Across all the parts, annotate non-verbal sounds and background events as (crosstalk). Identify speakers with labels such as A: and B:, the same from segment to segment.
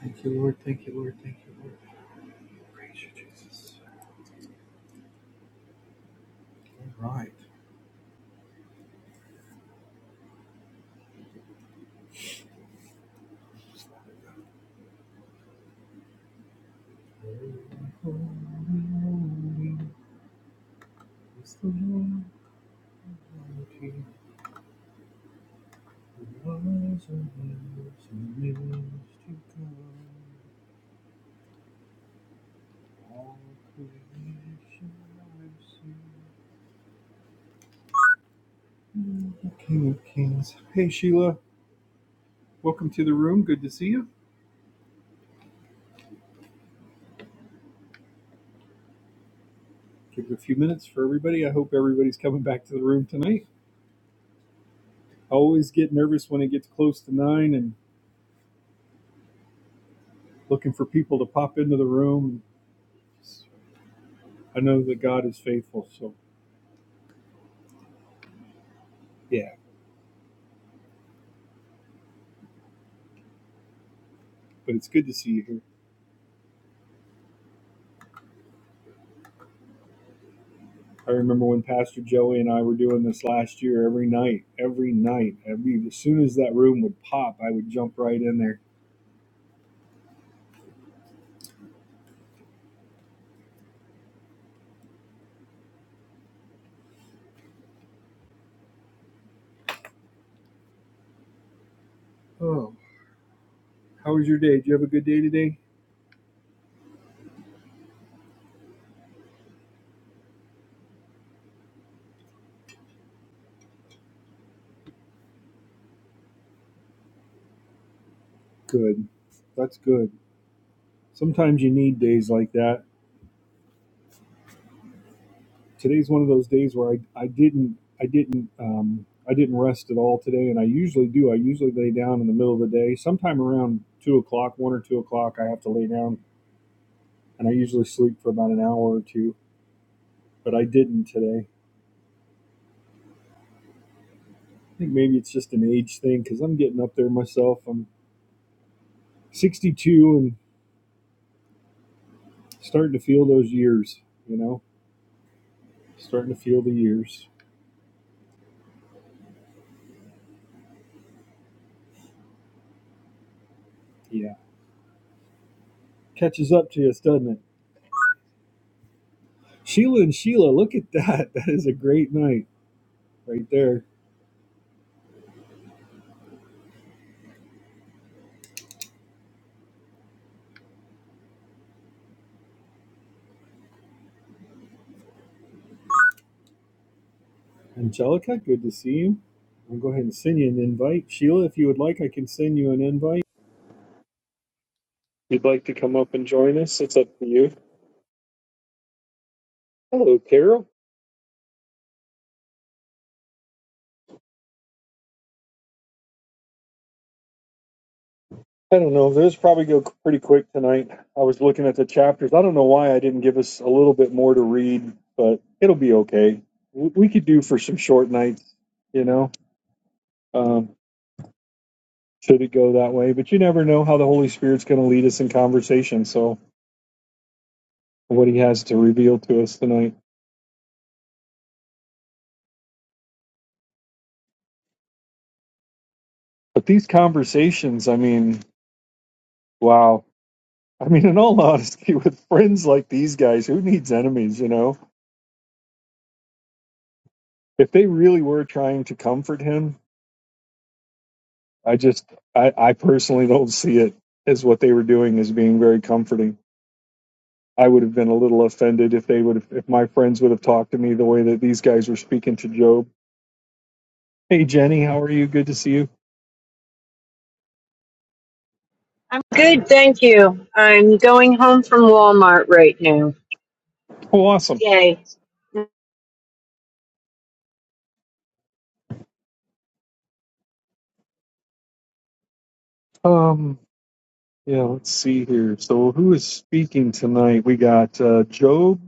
A: Thank you, Lord. Thank you, Lord. Thank you, Lord. Praise you, Jesus. All right. Holy, holy is the Lord Almighty, who was and is and is to come. All creation mercy. King of Kings. Hey, Sheila. Welcome to the room. Good to see you. Give it a few minutes for everybody. I hope everybody's coming back to the room tonight. I always get nervous when it gets close to 9 and. looking for people to pop into the room. I know that God is faithful. So, yeah, but it's good to see you here. I remember when Pastor Joey and I were doing this last year every night, every night. Every, as soon as that room would pop, I would jump right in there. Oh, how was your day? Did you have a good day today? Good. That's good. Sometimes you need days like that today's one of those days where I, I didn't I didn't um, I didn't rest at all today, and I usually do. I usually lay down in the middle of the day, sometime around two o'clock, one or two o'clock. I have to lay down, and I usually sleep for about an hour or two, but I didn't today. I think maybe it's just an age thing because I'm getting up there myself. I'm 62 and starting to feel those years, you know, starting to feel the years. Yeah, catches up to us, doesn't it? Sheila and Sheila, look at that. (laughs) That is a great night right there. Angelica, good to see you. I'll go ahead and send you an invite. Sheila, if you would like, I can send you an invite. If you'd like to come up and join us, it's up to you. Hello, Carol. I don't know. This probably go pretty quick tonight. I was looking at the chapters. I don't know why I didn't give us a little bit more to read, but it'll be okay. We could do for some short nights, you know. Um, should it go that way? But you never know how the Holy Spirit's going to lead us in conversation. So what He has to reveal to us tonight. But these conversations, I mean, wow I mean, in all honesty, with friends like these guys, who needs enemies, you know? If they really were trying to comfort him, I just, I, I personally don't see it as what they were doing as being very comforting. I would have been a little offended if they would have, if my friends would have talked to me the way that these guys were speaking to Job. Hey, Jenny, how are you? Good to see you.
B: I'm good, thank you. I'm going home from Walmart right now.
A: Oh, awesome.
B: Yay.
A: Um, yeah, let's see here. So who is speaking tonight? We got uh, Job.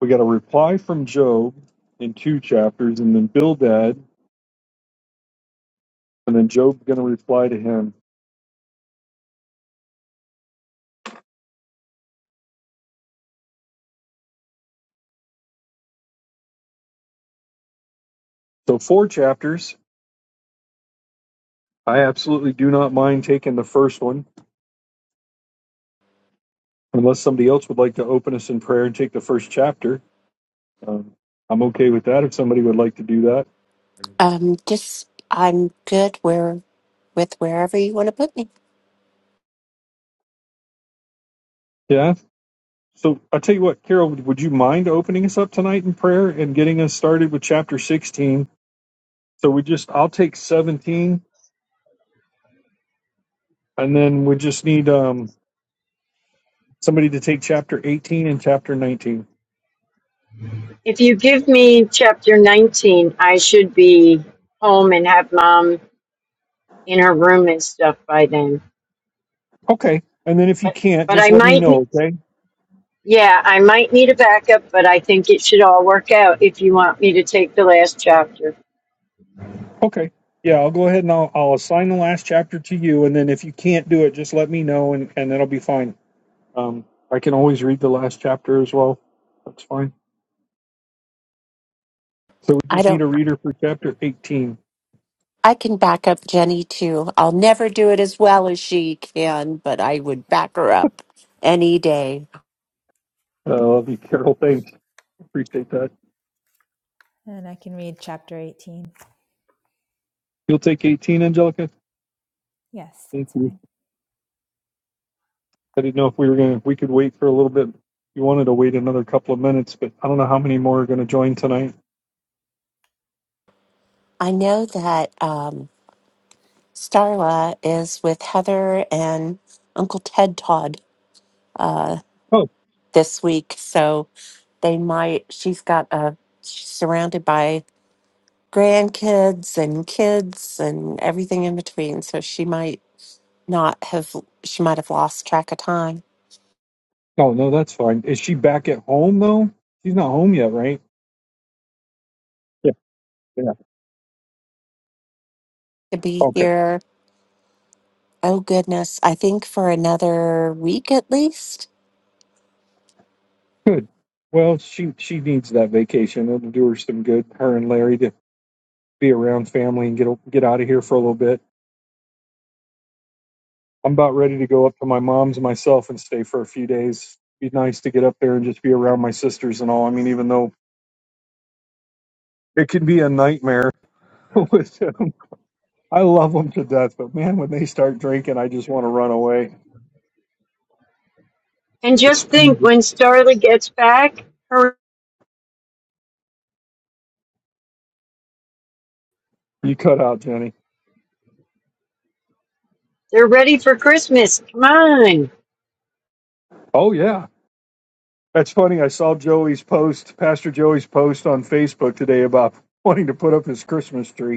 A: We got a reply from Job in two chapters, and then Bildad. And then Job going to reply to him. So four chapters. I absolutely do not mind taking the first one, unless somebody else would like to open us in prayer and take the first chapter. Um, I'm okay with that if somebody would like to do that.
C: Um, just I'm good where with wherever you want to put me.
A: Yeah. So I tell you what, Carol, would you mind opening us up tonight in prayer and getting us started with chapter 16? So we just, I'll take 17, and then we just need um, somebody to take chapter 18 and chapter 19.
B: If you give me chapter 19, I should be home and have mom in her room and stuff by then.
A: Okay. And then if you
B: But
A: can't,
B: but
A: just
B: I
A: let me
B: might
A: know,
B: n-
A: okay?
B: yeah, I might need a backup, but I think it should all work out if you want me to take the last chapter.
A: Okay. Yeah, I'll go ahead and I'll, I'll assign the last chapter to you, and then if you can't do it, just let me know, and, and that'll be fine. Um, I can always read the last chapter as well. That's fine. So we
C: I
A: just need
C: don't.
A: a reader for chapter 18.
C: I can back up Jenny too. I'll never do it as well as she can, but I would back her up any day.
A: I love you, Carol. Thanks. Appreciate that.
D: And I can read chapter 18.
A: You'll take 18, Angelica?
D: Yes,
A: Thank
D: that's
A: you.
D: fine.
A: I didn't know if we were going to, we could wait for a little bit. You wanted to wait another couple of minutes, but I don't know how many more are going to join tonight.
C: I know that um, Starla is with Heather and Uncle Ted Todd uh,
A: Oh,
C: this week, so they might. She's got a. She's surrounded by grandkids and kids and everything in between, so she might not have, she might have lost track of time
A: oh, no, that's fine. Is she back at home, though? She's not home yet, right? Yeah, yeah.
C: to be
A: Okay.
C: here. Oh goodness, I think for another week at least.
A: Good. Well, she she needs that vacation. It'll do her some good. Her and Larry to be around family and get o- get out of here for a little bit. I'm about ready to go up to my mom's myself and stay for a few days. Be nice to get up there and just be around my sisters and all. I mean, even though it can be a nightmare (laughs) with them, I love them to death. But man, when they start drinking, I just want to run away.
B: And
A: It's
B: just think when
A: you
B: Starla gets back, her
A: cut out, Jenny.
B: they're ready for Christmas. Come on.
A: Oh yeah, that's funny. I saw Joey's post, Pastor Joey's post on Facebook today about wanting to put up his Christmas tree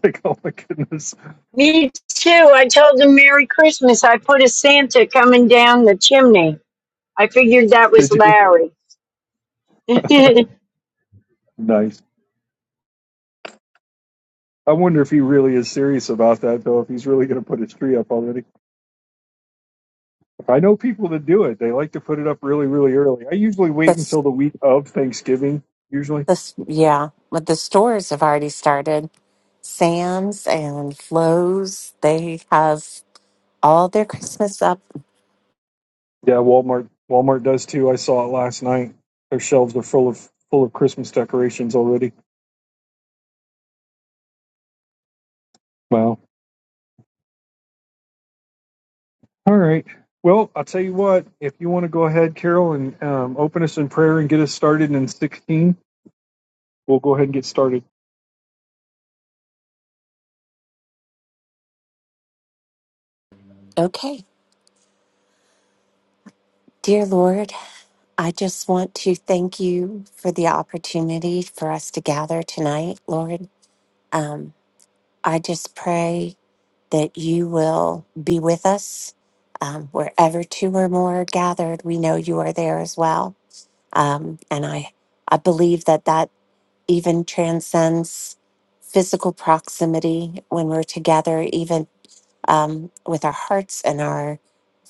A: (laughs) Like, oh my goodness,
B: Me too. I told him Merry Christmas. I put a Santa coming down the chimney. I figured that was
A: did you?
B: Larry.
A: Nice. I wonder if he really is serious about that, though, if he's really going to put his tree up already. I know people that do it. They like to put it up really, really early. I usually wait
C: That's
A: until the week of Thanksgiving, usually.
C: this, yeah, but the stores have already started. Sam's and Flo's, they have all their Christmas up.
A: Yeah, Walmart Walmart does too. I saw it last night. Their shelves are full of full of Christmas decorations already. Wow. All right. Well, I'll tell you what, if you want to go ahead, Carol, and um, open us in prayer and get us started in 16, we'll go ahead and get started.
C: Okay. Dear Lord, I just want to thank you for the opportunity for us to gather tonight, Lord. Um, I just pray that you will be with us um, wherever two or more are gathered. We know you are there as well, um, and I I believe that that even transcends physical proximity when we're together, even um, with our hearts and our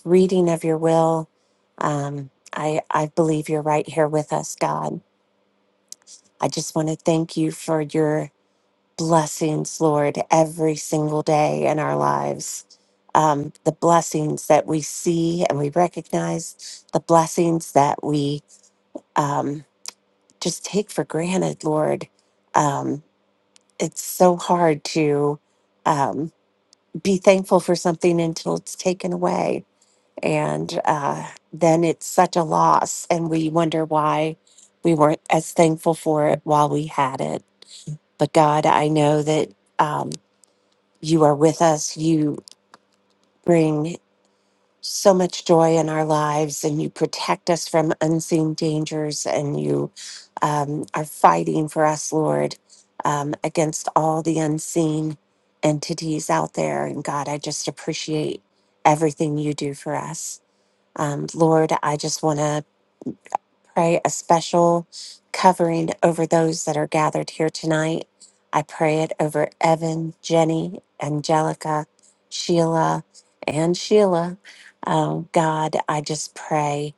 C: reading of your will. Um, I I believe you're right here with us, God. I just want to thank you for your blessings, Lord, every single day in our lives. Um, the blessings that we see and we recognize, the blessings that we um, just take for granted, Lord. Um, it's so hard to um, be thankful for something until it's taken away. And uh, then it's such a loss, and we wonder why we weren't as thankful for it while we had it. But God, I know that. Um, you are with us. You bring so much joy in our lives and you protect us from unseen dangers and you um, are fighting for us, Lord, um, against all the unseen entities out there. And God, I just appreciate everything you do for us. Um, Lord, I just want to pray a special covering over those that are gathered here tonight. I pray it over Evan, Jenny, Angelica, Sheila, and Sheila. Um, God, I just pray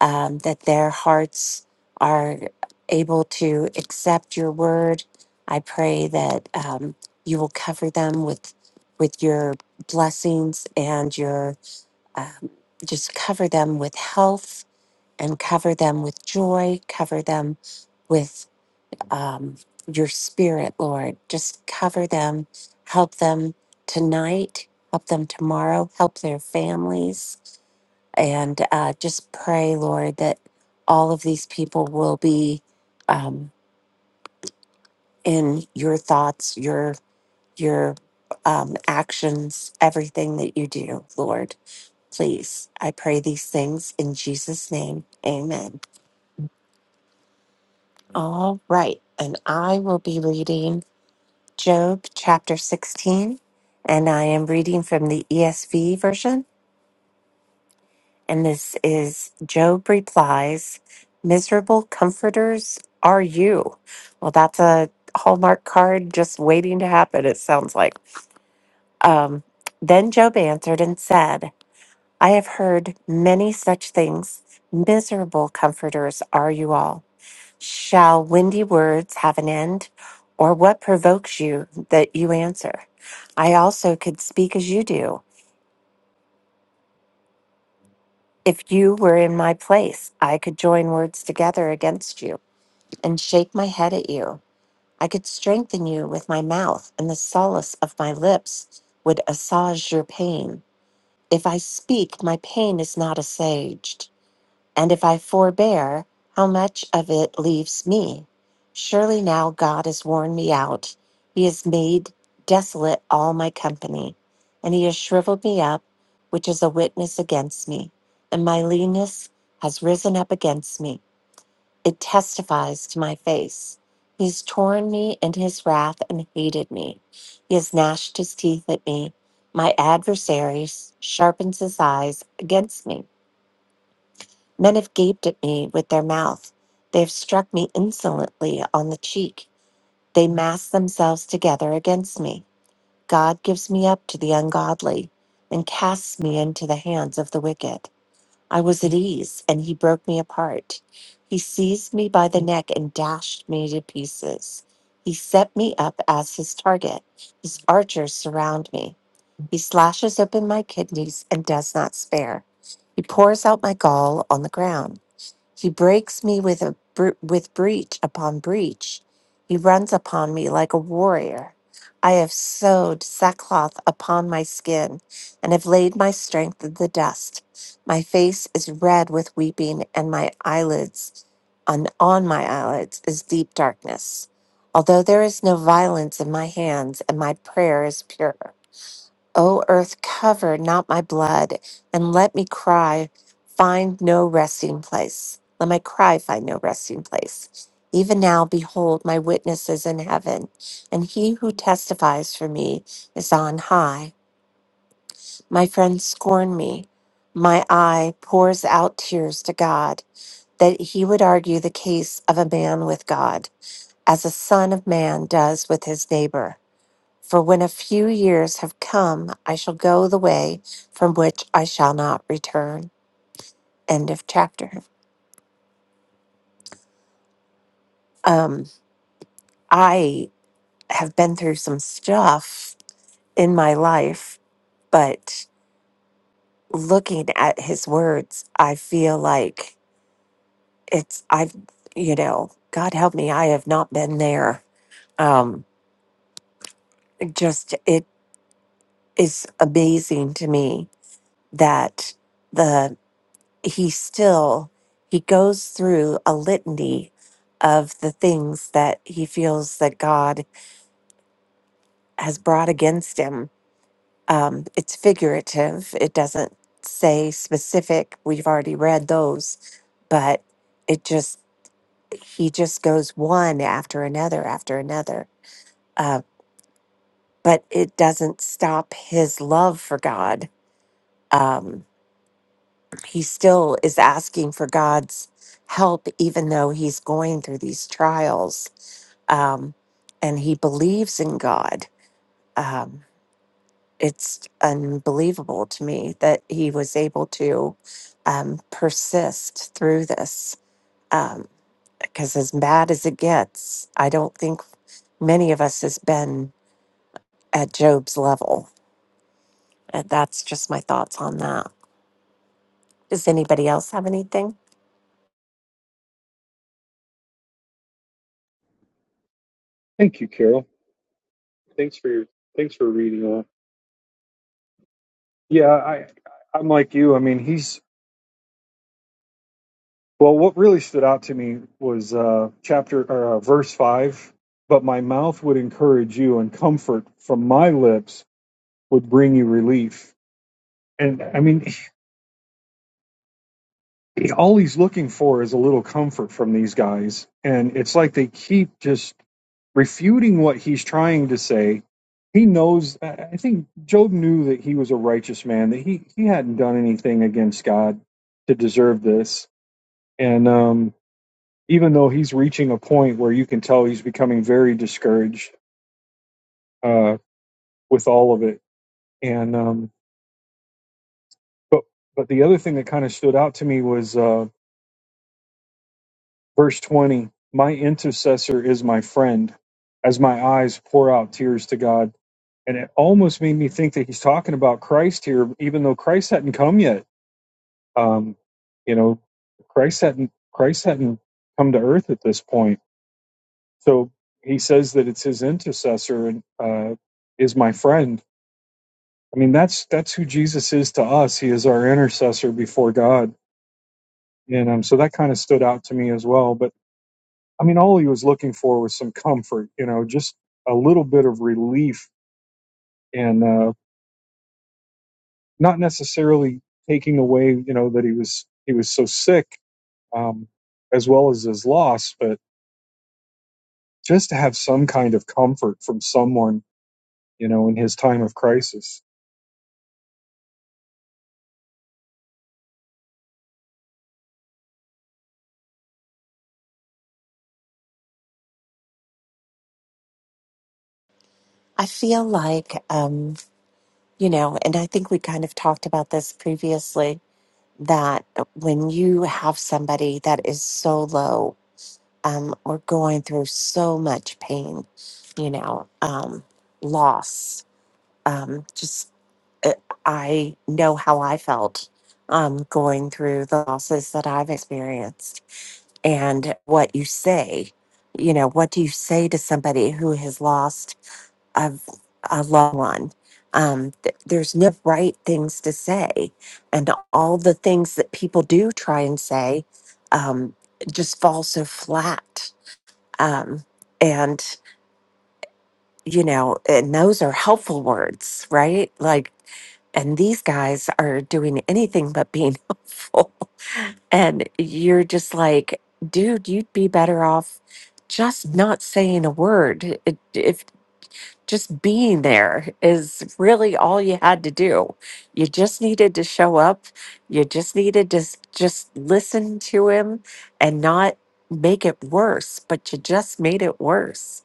C: um, that their hearts are able to accept your word. I pray that um, you will cover them with with your blessings and your um, just cover them with health and cover them with joy, cover them with um, your spirit, Lord. Just cover them, help them tonight, help them tomorrow, help their families, and uh, just pray, Lord, that all of these people will be um, in your thoughts, your your um, actions, everything that you do, Lord. Please, I pray these things in Jesus' name. Amen. All right, and I will be reading Job chapter 16, and I am reading from the ESV version. And this is Job replies, Miserable comforters are you. Well, that's a Hallmark card just waiting to happen, it sounds like. Um, then Job answered and said, I have heard many such things. Miserable comforters are you all. Shall windy words have an end? Or what provokes you that you answer? I also could speak as you do. If you were in my place, I could join words together against you and shake my head at you. I could strengthen you with my mouth, and the solace of my lips would assuage your pain. If I speak, my pain is not assuaged. And if I forbear, how much of it leaves me? Surely now God has worn me out. He has made desolate all my company, and he has shriveled me up, which is a witness against me. And my leanness has risen up against me. It testifies to my face. He has torn me in his wrath and hated me. He has gnashed his teeth at me. My adversary sharpens his eyes against me. Men have gaped at me with their mouth. They have struck me insolently on the cheek. They mass themselves together against me. God gives me up to the ungodly and casts me into the hands of the wicked. I was at ease, and he broke me apart. He seized me by the neck and dashed me to pieces. He set me up as his target. His archers surround me. He slashes open my kidneys and does not spare. He pours out my gall on the ground. He breaks me with a br- with breach upon breach. He runs upon me like a warrior. I have sewed sackcloth upon my skin and have laid my strength in the dust. My face is red with weeping, and my eyelids on, on my eyelids is deep darkness. Although there is no violence in my hands, and my prayer is pure. O earth, cover not my blood, and let me cry find no resting place. Let my cry find no resting place. Even now, behold, my witness is in heaven, and he who testifies for me is on high. My friends scorn me. My eye pours out tears to God, that he would argue the case of a man with God, as a son of man does with his neighbor. For when a few years have come, I shall go the way from which I shall not return. End of chapter. Um, I have been through some stuff in my life, but looking at his words, I feel like it's, I've, you know, God help me, I have not been there. Um, just, it is amazing to me that the. he still he goes through a litany of the things that he feels that god has brought against him um, it's figurative it doesn't say specific we've already read those but it just he just goes one after another after another uh, but it doesn't stop his love for god Um, he still is asking for God's help, even though he's going through these trials. Um, and he believes in God. Um, it's unbelievable to me that he was able to um, persist through this. Because as bad as it gets, I don't think many of us has been at Job's level. And that's just my thoughts on that. Does anybody else have anything?
A: Thank you, Carol. Thanks for your thanks for reading that. Yeah, I I'm like you. I mean, he's well. What really stood out to me was uh, chapter or uh, verse five. But my mouth would encourage you, and comfort from my lips would bring you relief. And I mean, all he's looking for is a little comfort from these guys. And it's like they keep just refuting what he's trying to say. He knows, I think Job knew that he was a righteous man, that he, he hadn't done anything against God to deserve this. And um, even though he's reaching a point where you can tell he's becoming very discouraged uh, with all of it. And um, but but the other thing that kind of stood out to me was uh, Verse 20 My intercessor is my friend, as my eyes pour out tears to God. And it almost made me think that he's talking about Christ here, even though Christ hadn't come yet. Um, you know, Christ hadn't Christ hadn't come to earth at this point. So he says that it's his intercessor and uh, is my friend. I mean, that's that's who Jesus is to us. He is our intercessor before God, and um, so that kind of stood out to me as well. But I mean, all he was looking for was some comfort, you know, just a little bit of relief, and uh, not necessarily taking away, you know, that he was he was so sick, um, as well as his loss, but just to have some kind of comfort from someone, you know, in his time of crisis.
C: I feel like. You know, and I think we kind of talked about this previously that when you have somebody that is so low, um, or going through so much pain, you know, um, loss, um, just uh, I know how I felt um, going through the losses that I've experienced and what you say, you know, what do you say to somebody who has lost? of a law one, Um, th- there's no right things to say, and all the things that people do try and say um, just fall so flat. Um, and you know, and those are helpful words, right? Like, and these guys are doing anything but being (laughs) helpful, and you're just like, dude, you'd be better off just not saying a word. It- If just being there is really all you had to do. You just needed to show up. You just needed to s- just listen to him and not make it worse, but you just made it worse.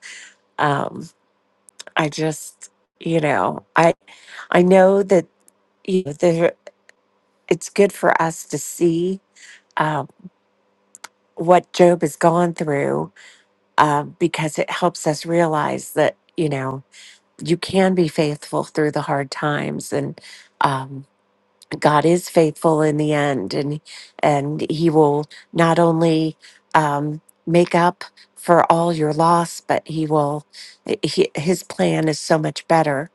C: Um, I just, you know, I I know that you know, there, it's good for us to see um, what Job has gone through um, because it helps us realize that you know you can be faithful through the hard times and um, god is faithful in the end and and he will not only um, make up for all your loss but he will eh, he, his plan is so much better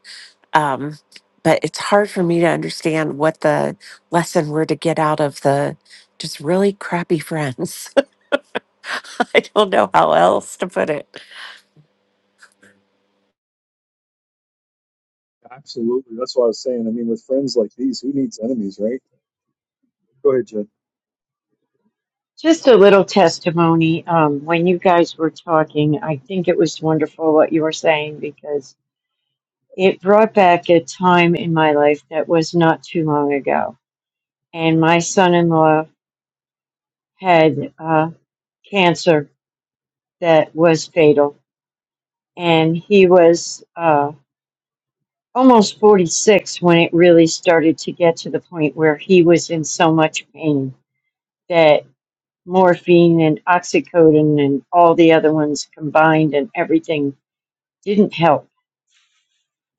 C: um, but it's hard for me to understand what the lesson were to get out of the just really crappy friends (laughs) i don't know how else to put it
A: Absolutely. That's what I was saying. I mean, with friends like these, who needs enemies, right? Go ahead, Jen.
B: (laughs) Just a little testimony. Um, when you guys were talking, I think it was wonderful what you were saying because it brought back a time in my life that was not too long ago. And my son in law had uh, cancer that was fatal. And he was. uh, almost 46 when it really started to get to the point where he was in so much pain that morphine and oxycodone and all the other ones combined and everything didn't help.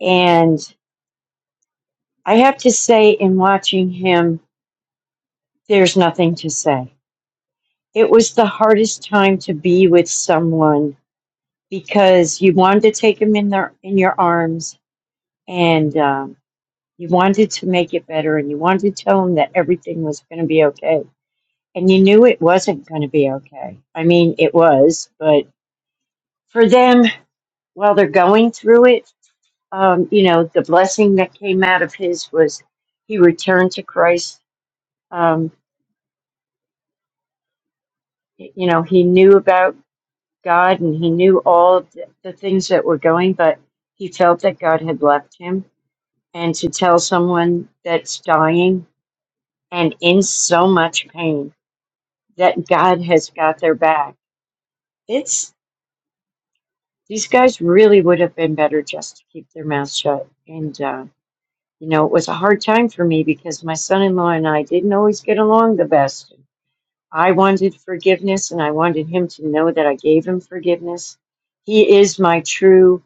B: And I have to say, in watching him, there's nothing to say. It was the hardest time to be with someone because you wanted to take him in their in your arms and um, you wanted to make it better and you wanted to tell him that everything was going to be okay and you knew it wasn't going to be okay. I mean, it was, but for them, while they're going through it, um, you know, the blessing that came out of his was he returned to Christ. Um, you know, he knew about God and he knew all of the, the things that were going, but he felt that God had left him. And to tell someone that's dying and in so much pain that God has got their back it's. These guys really would have been better just to keep their mouths shut. And, uh, you know, it was a hard time for me because my son in law and I didn't always get along the best. I wanted forgiveness and I wanted him to know that I gave him forgiveness. He is my true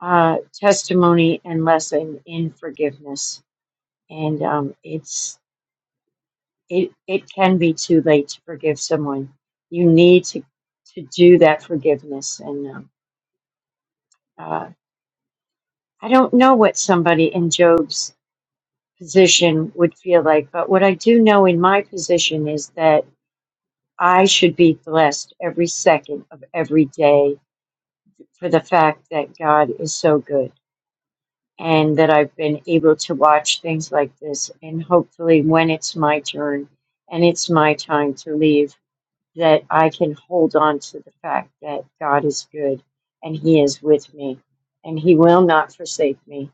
B: uh, testimony and lesson in forgiveness. And um, it's it, it can be too late to forgive someone. You need to, to do that forgiveness. And um, uh, I don't know what somebody in Job's position would feel like. But what I do know in my position is that I should be blessed every second of every day for the fact that God is so good and that I've been able to watch things like this. And hopefully, when it's my turn and it's my time to leave, that I can hold on to the fact that God is good and He is with me and He will not forsake me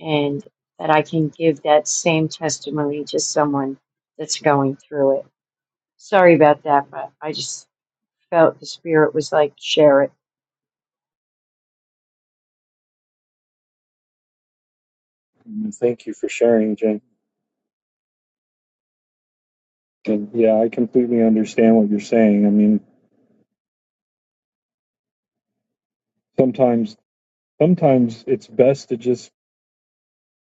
B: and that I can give that same testimony to someone that's going through it. Sorry about that, but I just felt the Spirit was like, share it.
A: Thank you for sharing, Jen. And yeah, I completely understand what you're saying. I mean, sometimes sometimes it's best to just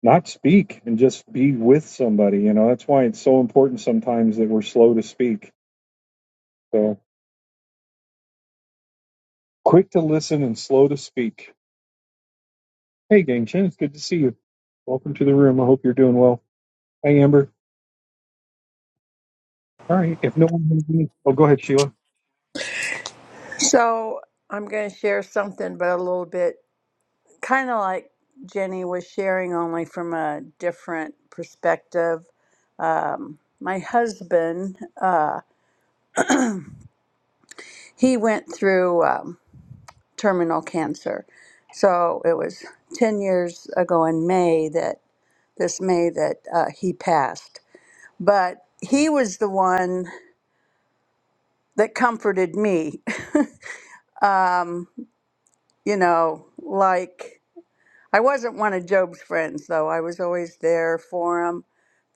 A: not speak and just be with somebody. You know, that's why it's so important sometimes that we're slow to speak. So quick to listen and slow to speak. Hey, Gang it's good to see you. Welcome to the room. I hope you're doing well. Hey, Amber. All right. If no one has any, oh, go ahead, Sheila.
E: So I'm going to share something, but a little bit kind of like Jenny was sharing, only from a different perspective. Um, my husband, uh, he went through um, terminal cancer. So it was 10 years ago in May that this May that uh, he passed. But he was the one that comforted me. (laughs) Um, you know, like I wasn't one of Job's friends, though. I was always there for him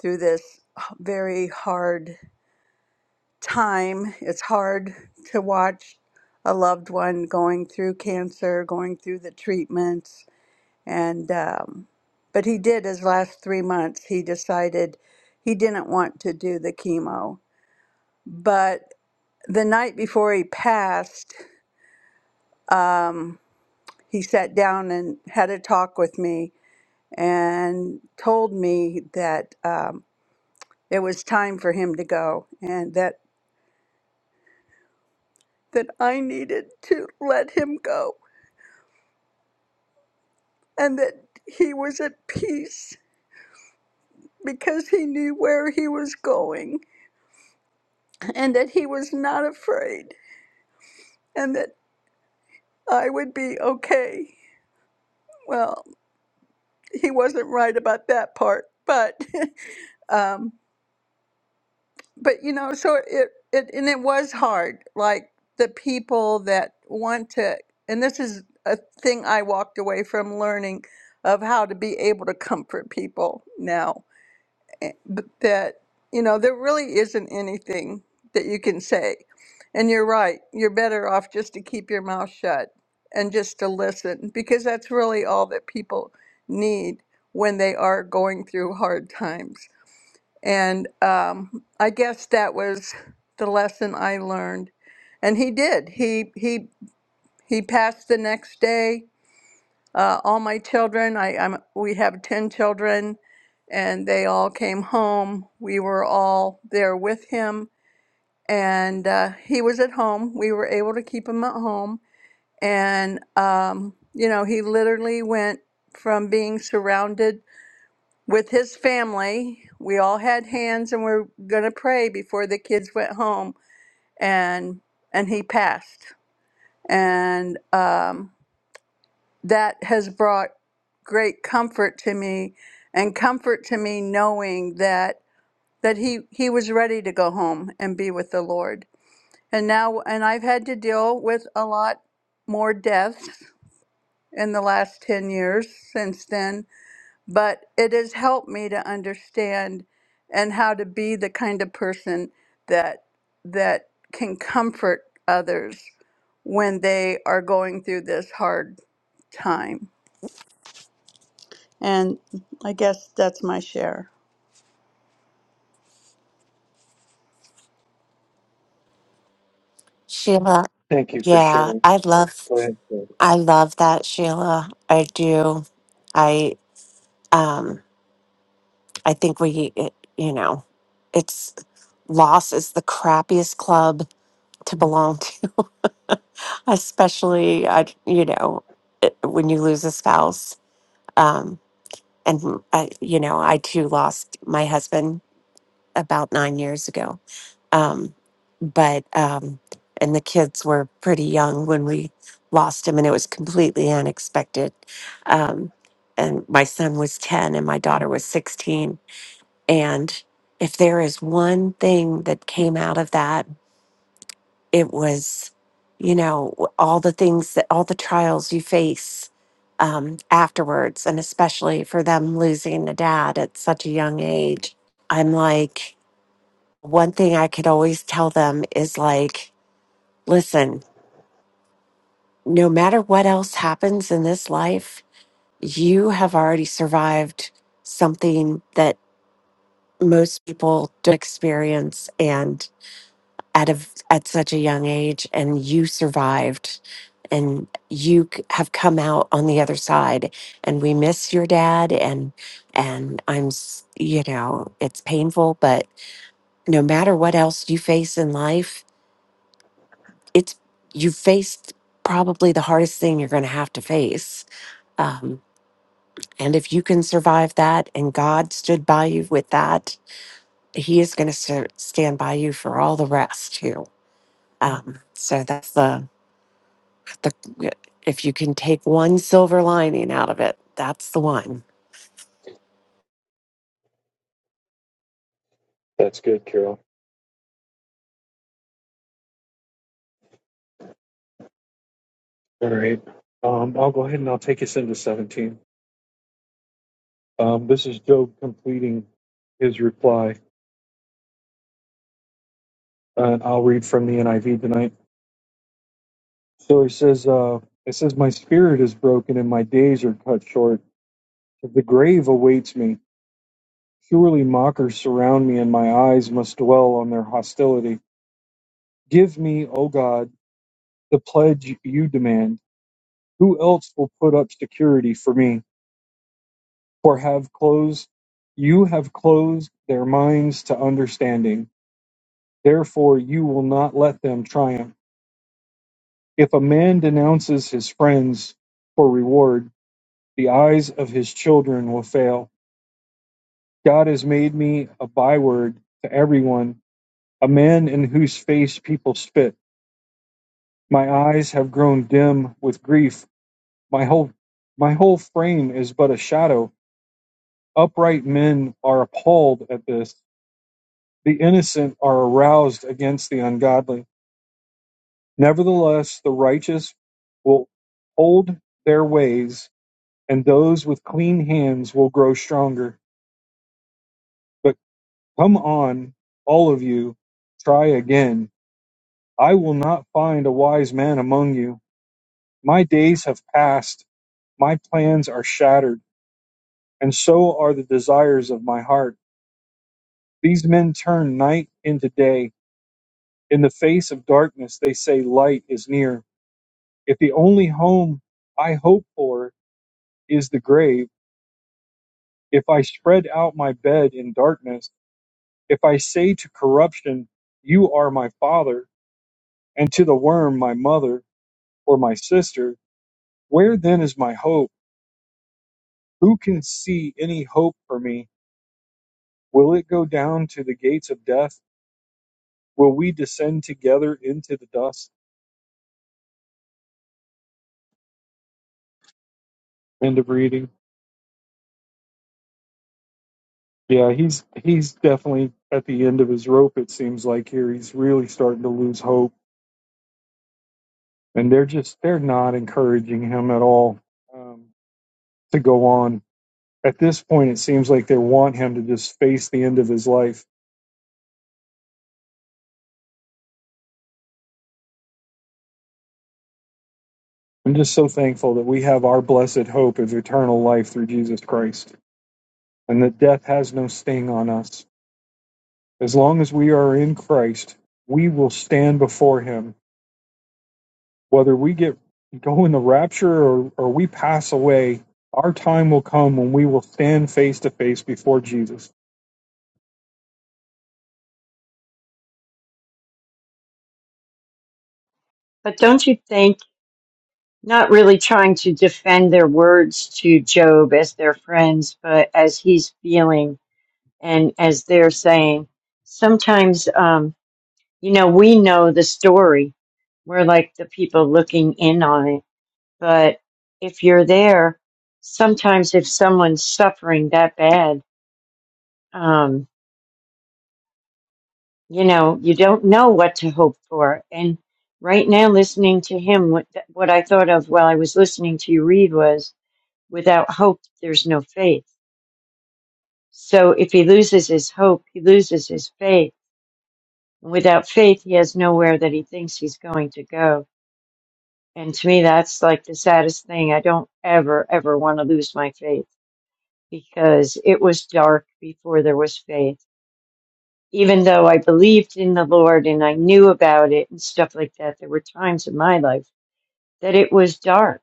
E: through this very hard time. It's hard to watch a loved one going through cancer, going through the treatments, and um, but he did his last three months. He decided he didn't want to do the chemo, but the night before he passed, um, he sat down and had a talk with me and told me that um, it was time for him to go and that that I needed to let him go and that he was at peace because he knew where he was going and that he was not afraid and that I would be okay. Well, he wasn't right about that part, but (laughs) um, but you know so it, it and it was hard like the people that want to and this is a thing i walked away from learning of how to be able to comfort people now eh, b- that you know there really isn't anything that you can say and you're right you're better off just to keep your mouth shut and just to listen because that's really all that people need when they are going through hard times and um, I guess that was the lesson I learned. And he did. He he he passed the next day. Uh, all my children. I I'm, we have ten children, and they all came home. We were all there with him, and uh, he was at home. We were able to keep him at home, and um, you know he literally went from being surrounded with his family. We all had hands and we are going to pray before the kids went home and and he passed. And um, that has brought great comfort to me and comfort to me knowing that that he he was ready to go home and be with the Lord. And now and I've had to deal with a lot more deaths in the last 10 years since then but it has helped me to understand and how to be the kind of person that that can comfort others when they are going through this hard time. And I guess that's my share.
C: shima
A: Thank you for
C: yeah
A: sharing.
C: i love
A: Go ahead. Carol.
C: I love that, Sheila. I do. I um I think we it, you know, it's loss is the crappiest club to belong to, (laughs) especially I you know, it, when you lose a spouse. Um and I, you know, I too lost my husband about 9 years ago Um, but um, and the kids were pretty young when we lost him, and it was completely unexpected. Um, and my son was ten, and my daughter was sixteen. And if there is one thing that came out of that, it was, you know, w- all the things that all the trials you face um, afterwards, and especially for them losing a dad at such a young age. I'm like, one thing I could always tell them is like. Listen, no matter what else happens in this life, you have already survived something that most people don't experience and at a, at such a young age and you survived and you c- have come out on the other side and we miss your dad and and I'm s- you know, it's painful but no matter what else you face in life, it's you faced probably the hardest thing you're going to have to face Um, and if you can survive that and God stood by you with that, He is going to stand by you for all the rest too. Um, so that's the, the, if you can take one silver lining out of it, that's the one.
A: That's good, Carol. All right. Um, I'll go ahead and I'll take us into 17. Um, this is Job completing his reply, and I'll read from the NIV tonight. So he says, uh, it says, My spirit is broken and my days are cut short. The grave awaits me. Surely mockers surround me, and my eyes must dwell on their hostility. Give me, O God, the pledge you demand. Who else will put up security for me? For have closed you have closed their minds to understanding. Therefore you will not let them triumph. If a man denounces his friends for reward, the eyes of his children will fail. God has made me a byword to everyone, a man in whose face people spit. My eyes have grown dim with grief. My whole my whole frame is but a shadow. Upright men are appalled at this. The innocent are aroused against the ungodly. Nevertheless, the righteous will hold their ways, and those with clean hands will grow stronger. But come on, all of you, try again I will not find a wise man among you. My days have passed. My plans are shattered, and so are the desires of my heart. These men turn night into day. In the face of darkness, they say light is near. If the only home I hope for is the grave, if I spread out my bed in darkness, if I say to corruption, You are my father, and to the worm, my mother, or my sister, where then is my hope? Who can see any hope for me? Will it go down to the gates of death? Will we descend together into the dust? End of reading. Yeah, he's he's definitely at the end of his rope. It seems like here he's really starting to lose hope, and they're just they're not encouraging him at all um, to go on. At this point, it seems like they want him to just face the end of his life. I'm just so thankful that we have our blessed hope of eternal life through Jesus Christ, and that death has no sting on us As long as we are in Christ, we will stand before Him. Whether we get go in the rapture or, or we pass away, our time will come when we will stand face to face before Jesus.
B: But don't you think, not really trying to defend their words to Job as their friends, but as he's feeling and as they're saying, sometimes, um, you know, we know the story. We're like the people looking in on it But if you're there, sometimes if someone's suffering that bad, um, you know, you don't know what to hope for. And right now, listening to him, what, what I thought of while I was listening to you read was without hope, there's no faith. So if he loses his hope, he loses his faith. And without faith, he has nowhere that he thinks he's going to go. And to me, that's like the saddest thing. I don't ever, ever want to lose my faith because it was dark before there was faith. Even though I believed in the Lord and I knew about it and stuff like that, there were times in my life that it was dark.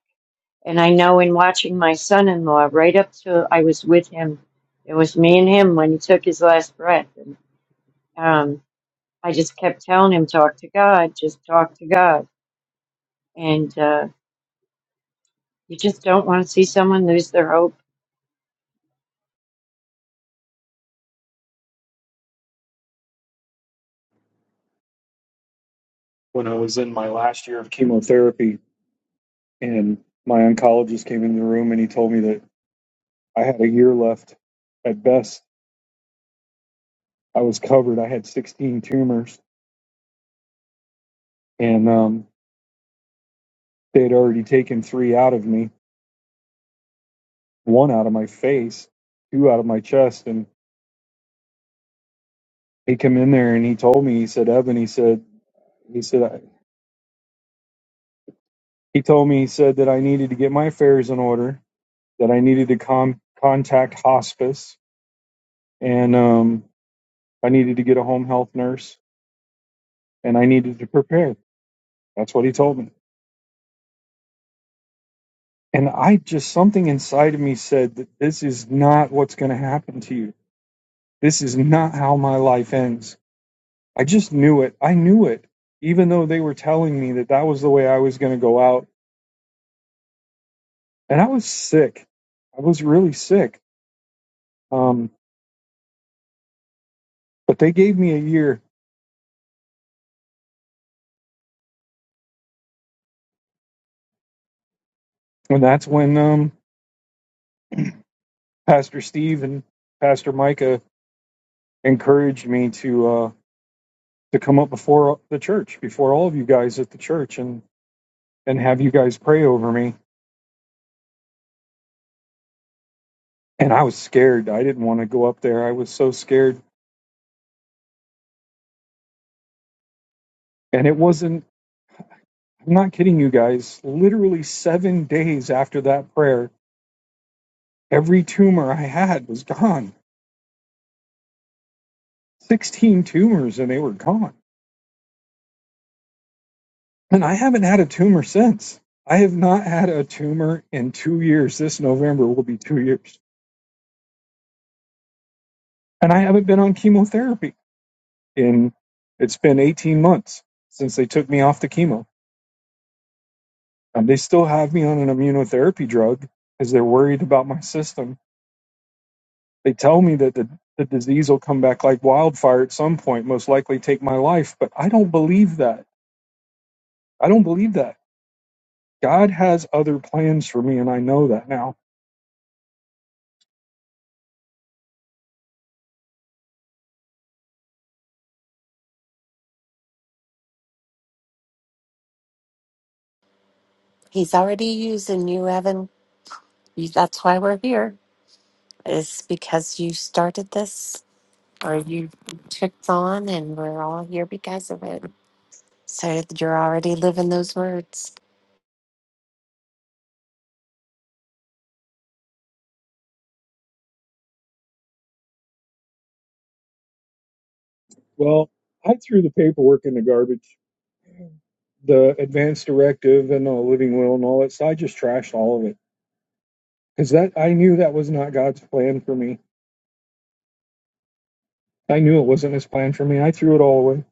B: And I know in watching my son in law, right up till I was with him, it was me and him when he took his last breath. And um, I just kept telling him, talk to God, just talk to God. And uh, you just don't want to see someone lose their hope.
A: When I was in my last year of chemotherapy, and my oncologist came in the room and he told me that I had a year left at best. I was covered. I had 16 tumors, and um, they had already taken three out of me, one out of my face, two out of my chest, and he come in there and he told me he said Evan he said he said I- he told me he said that I needed to get my affairs in order that I needed to con- contact hospice and um, I needed to get a home health nurse and I needed to prepare that's what he told me and I just something inside of me said that this is not what's going to happen to you this is not how my life ends I just knew it I knew it even though they were telling me that that was the way I was going to go out and I was sick I was really sick Um, but they gave me a year, and that's when um, Pastor Steve and Pastor Micah encouraged me to uh, to come up before the church, before all of you guys at the church, and and have you guys pray over me. And I was scared. I didn't want to go up there. I was so scared. And it wasn't. I'm not kidding you guys. Literally seven days after that prayer, every tumor I had was gone. Sixteen tumors, and they were gone And I haven't had a tumor since. I have not had a tumor in two years. This November will be two years. And I haven't been on chemotherapy in, it's been 18 months since they took me off the chemo. Um, they still have me on an immunotherapy drug because they're worried about my system. They tell me that the, the disease will come back like wildfire at some point, most likely take my life. But I don't believe that. I don't believe that. God has other plans for me, and I know that now.
C: He's already using you, Evan. You, that's why we're here, is because you started this or you took on, and we're all here because of it. So you're already living those words.
A: Well, I threw the paperwork in the garbage the advanced directive and the living will and all that. So I just trashed all of it because that I knew that was not God's plan for me. I knew it wasn't His plan for me. I threw it all away.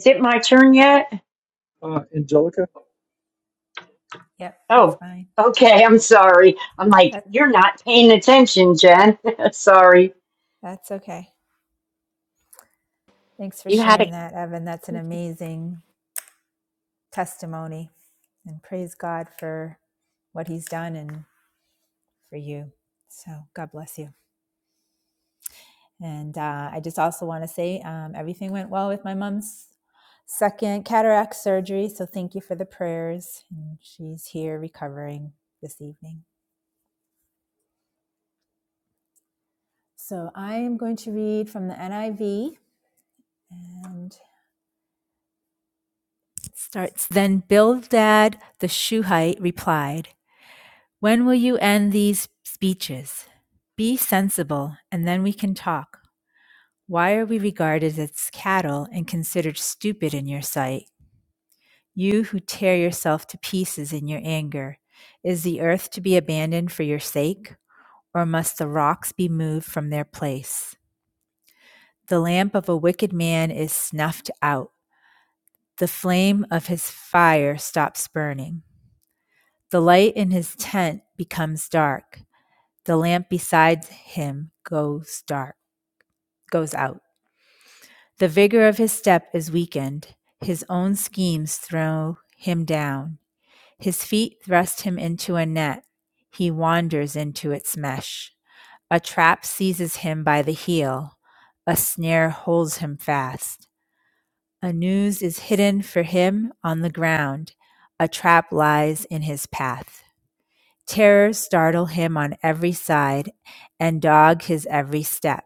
B: Is it my turn yet?
A: Uh, Angelica,
D: Yep, that's
B: Oh,
D: fine.
B: okay. I'm sorry. I'm like,
D: That
B: you're not paying attention, Jen. (laughs) sorry.
D: that's okay. Thanks for
C: You had a
D: sharing that, Evan. That's an amazing testimony. And praise God for what he's done and for you. So God bless you. And uh, I just also want to say um, everything went well with my mom's second cataract surgery. So thank you for the prayers. And she's here recovering this evening. So I am going to read from the NIV. And starts then Bildad the Shuhite replied, When will you end these speeches? Be sensible, and then we can talk. Why are we regarded as cattle and considered stupid in your sight? You who tear yourself to pieces in your anger, is the earth to be abandoned for your sake, or must the rocks be moved from their place? The lamp of a wicked man is snuffed out, the flame of his fire stops burning. The light in his tent becomes dark. The lamp beside him goes dark, goes out. The vigor of his step is weakened. His own schemes throw him down. His feet thrust him into a net. He wanders into its mesh. A trap seizes him by the heel. A snare holds him fast. A noose is hidden for him on the ground. A trap lies in his path. Terrors startle him on every side and dog his every step.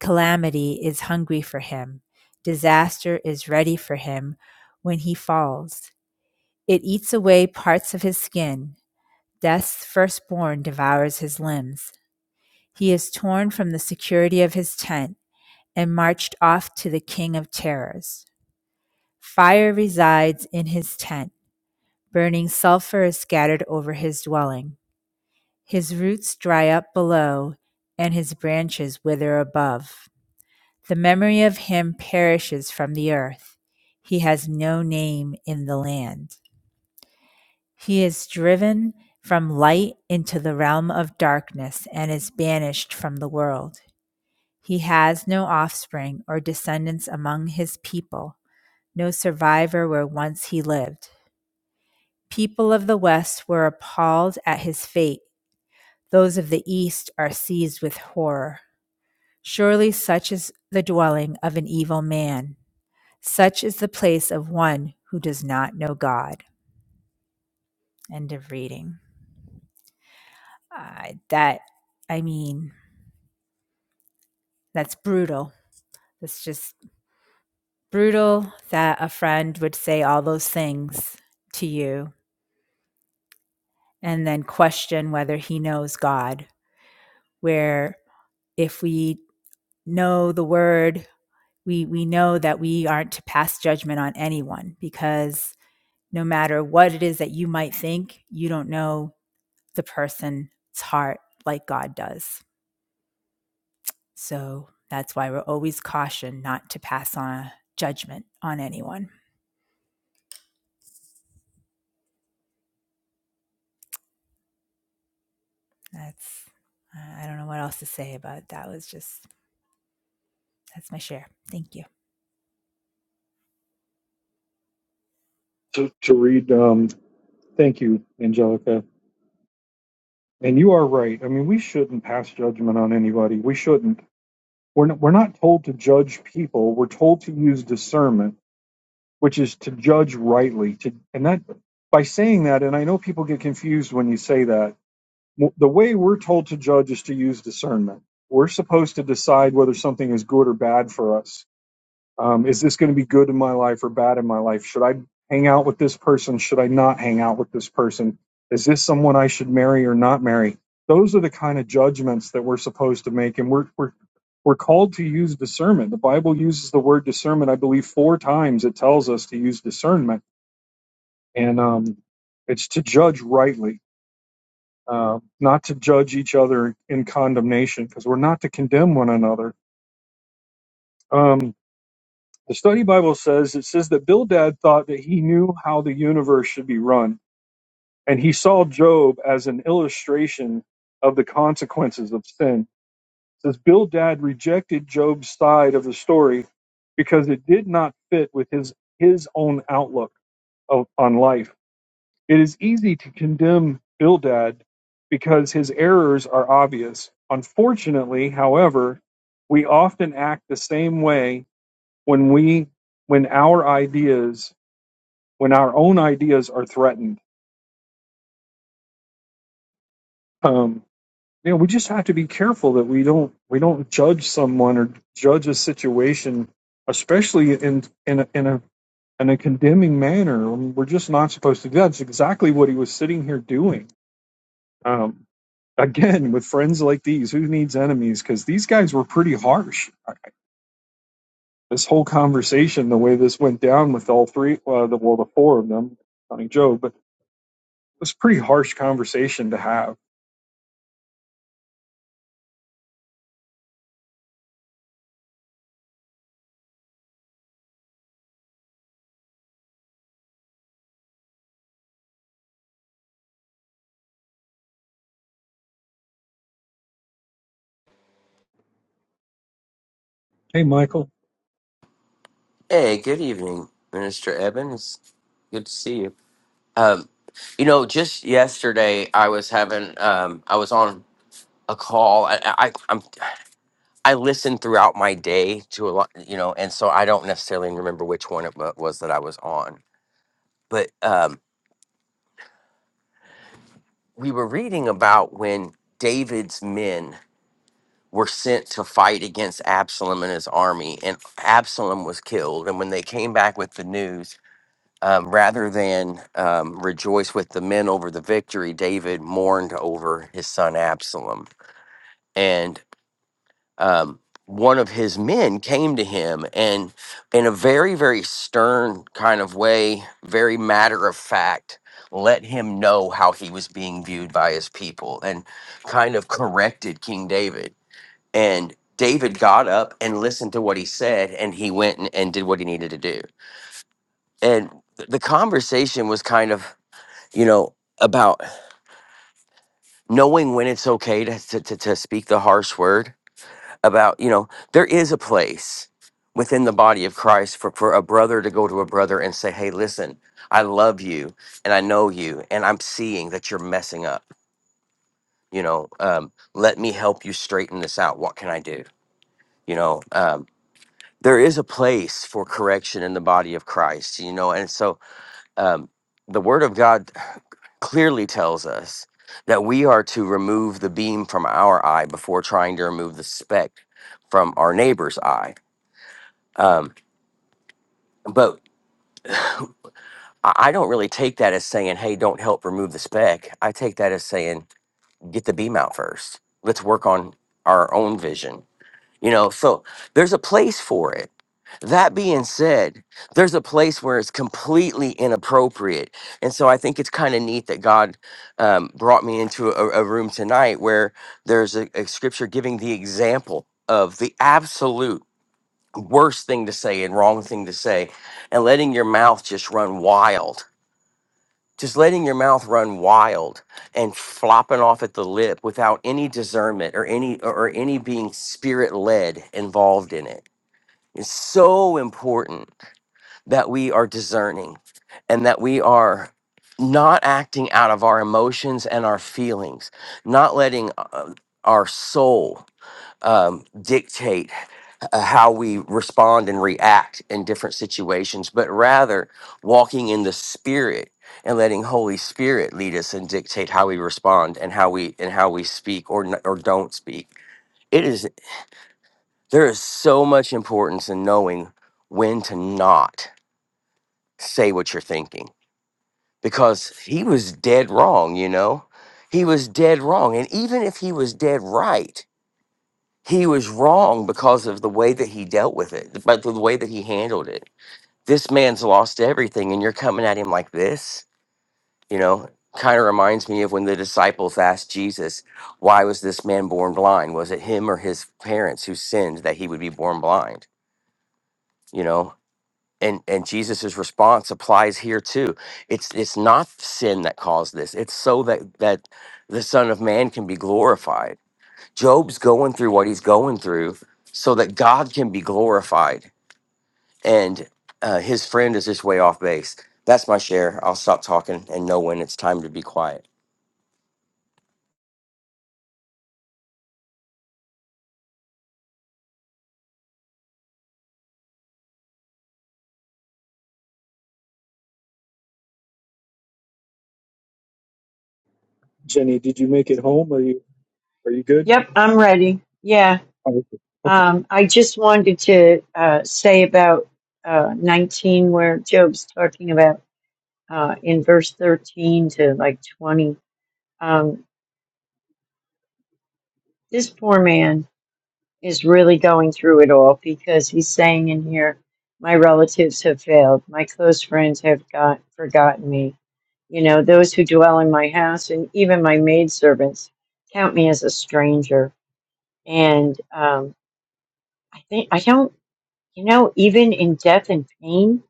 D: Calamity is hungry for him. Disaster is ready for him when he falls. It eats away parts of his skin. Death's firstborn devours his limbs. He is torn from the security of his tent and marched off to the king of terrors. Fire resides in his tent. Burning sulfur is scattered over his dwelling. His roots dry up below, and his branches wither above. The memory of him perishes from the earth. He has no name in the land. He is driven from light into the realm of darkness and is banished from the world. He has no offspring or descendants among his people, no survivor where once he lived. People of the West were appalled at his fate. Those of the East are seized with horror. Surely such is the dwelling of an evil man. Such is the place of one who does not know God. End of reading. Uh, that, I mean, that's brutal. That's just brutal that a friend would say all those things to you and then question whether he knows God. Where if we know the word, we, we know that we aren't to pass judgment on anyone because no matter what it is that you might think, you don't know the person's heart like God does. So that's why we're always cautioned not to pass on judgment on anyone. That's, I don't know what else to say about it. that. Was just, that's my share. Thank you.
A: to, to read. Um, thank you, Angelica. And you are right. I mean, we shouldn't pass judgment on anybody. We shouldn't. We're not, we're not told to judge people. We're told to use discernment, which is to judge rightly. To and that by saying that, and I know people get confused when you say that Well, the way we're told to judge is to use discernment. We're supposed to decide whether something is good or bad for us. Um, is this going to be good in my life or bad in my life? Should I hang out with this person? Should I not hang out with this person? Is this someone I should marry or not marry? Those are the kind of judgments that we're supposed to make, and we're we're we're called to use discernment. The Bible uses the word discernment, I believe, four times. It tells us to use discernment, and um, it's to judge rightly um, not to judge each other in condemnation because we're not to condemn one another. Um, the study Bible says it says that Bildad thought that he knew how the universe should be run, and he saw Job as an illustration of the consequences of sin. It says Bildad rejected Job's side of the story because it did not fit with his his own outlook of, on life. It is easy to condemn Bildad because his errors are obvious. Unfortunately, however, we often act the same way when we when our ideas when our own ideas are threatened. Um, you know, we just have to be careful that we don't we don't judge someone or judge a situation, especially in in a, in a in a condemning manner. I mean, we're just not supposed to do that. It's exactly what he was sitting here doing. Um, again with friends like these who needs enemies because these guys were pretty harsh this whole conversation the way this went down with all three uh, the, well the four of them funny joe but it was a pretty harsh conversation to have hey michael
F: Hey, good evening, Minister Evans. Good to see you. Um, you know, just yesterday I was having um, I was on a call. I, I I'm I listen throughout my day to a lot, you know, and so I don't necessarily remember which one it wa- was that I was on. But um, we were reading about when David's men were sent to fight against Absalom and his army, and Absalom was killed. And when they came back with the news, um, rather than um, rejoice with the men over the victory, David mourned over his son Absalom. And um, one of his men came to him and, in a very, very stern kind of way, very matter of fact, let him know how he was being viewed by his people and kind of corrected King David. And David got up and listened to what he said, and he went and, and did what he needed to do. And th- the conversation was kind of you know, about knowing when it's okay to, to, to, to speak the harsh word, about, you know, there is a place within the body of Christ for, for a brother to go to a brother and say, hey, listen, I love you and I know you and I'm seeing that you're messing up. You know, um, let me help you straighten this out. What can I do? You know, um, there is a place for correction in the body of Christ, you know, and so um, the word of God. clearly tells us that we are to remove the beam from our eye before trying to remove the speck from our neighbor's eye. Um, but I I don't really take that as saying, hey, don't help remove the speck. I take that as saying, get the beam out first. Let's work on our own vision You know, so there's a place for it. That being said, there's a place where it's completely inappropriate. And so I think it's kind of neat that God um, brought me into a, a room tonight where there's a, a scripture giving the example of the absolute worst thing to say and wrong thing to say and letting your mouth just run wild just letting your mouth run wild and flopping off at the lip without any discernment or any or or any being spirit led involved in it is so important that we are discerning and that we are not acting out of our emotions and our feelings not letting uh, our soul um, dictate uh, how we respond and react in different situations, but rather walking in the spirit and letting Holy Spirit lead us and dictate how we respond and how we and how we speak or n- or don't speak. It is there is so much importance in knowing when to not say what you're thinking because he was dead wrong, you know. He was dead wrong and even if he was dead right, he was wrong because of the way that he dealt with it, but the way that he handled it this man's lost everything and you're coming at him like this you know kind of reminds me of when the disciples asked jesus why was this man born blind was it him or his parents who sinned that he would be born blind you know and and jesus's response applies here too it's it's not sin that caused this it's so that that the son of man can be glorified job's going through what he's going through so that god can be glorified and uh, his friend is just way off base. That's my share. I'll stop talking and know when it's time to be quiet.
A: jenny did you make it home are you are you good
B: Yep, I'm ready. Yeah.
A: Oh, okay Okay.
B: Um, I just wanted to uh, say about uh, 19, where Job's talking about uh, in verse 13 to like 20. Um, this poor man is really going through it all because he's saying in here, My relatives have failed. My close friends have got, forgotten me You know, those who dwell in my house and even my maidservants count me as a stranger. And um, I think, I don't, you know, even in death and pain,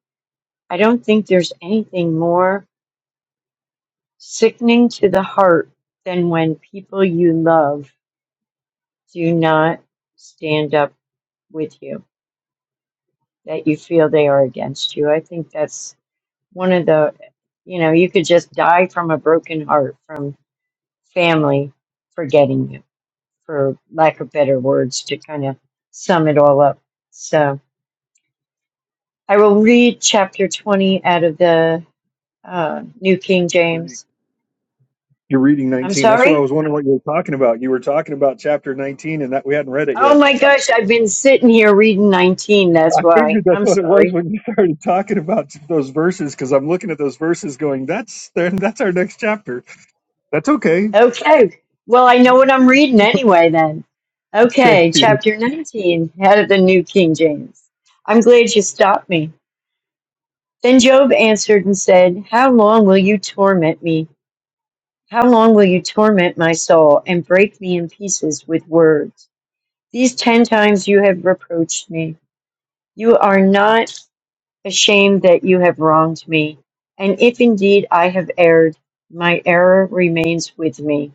B: I don't think there's anything more sickening to the heart than when people you love do not stand up with you, that you feel they are against you. I think that's one of the, you know, you could just die from a broken heart from family forgetting you for lack of better words, to kind of sum it all up. So I will read chapter 20 out of the uh, New King James.
A: you're reading
B: I'm
A: 19 that's what i
B: sorry?
A: was wondering what you were talking about you were talking about chapter 19 and that we hadn't read it
B: Oh
A: yet
B: my gosh, I've been sitting here reading 19.
A: i
B: That's why.
A: figured that's
B: I'm
A: what it was
B: sorry.
A: when you started talking about those verses because i'm looking at those verses going that's that's our next chapter That's okay.
B: Okay. Well, I know what I'm reading anyway then.
A: Thank
B: Okay,
A: you.
B: chapter 19 out of the New King James. I'm glad you stopped me. Then Job answered and said, How long will you torment me? How long will you torment my soul and break me in pieces with words? These ten times you have reproached me. You are not ashamed that you have wronged me. And if indeed I have erred, my error remains with me.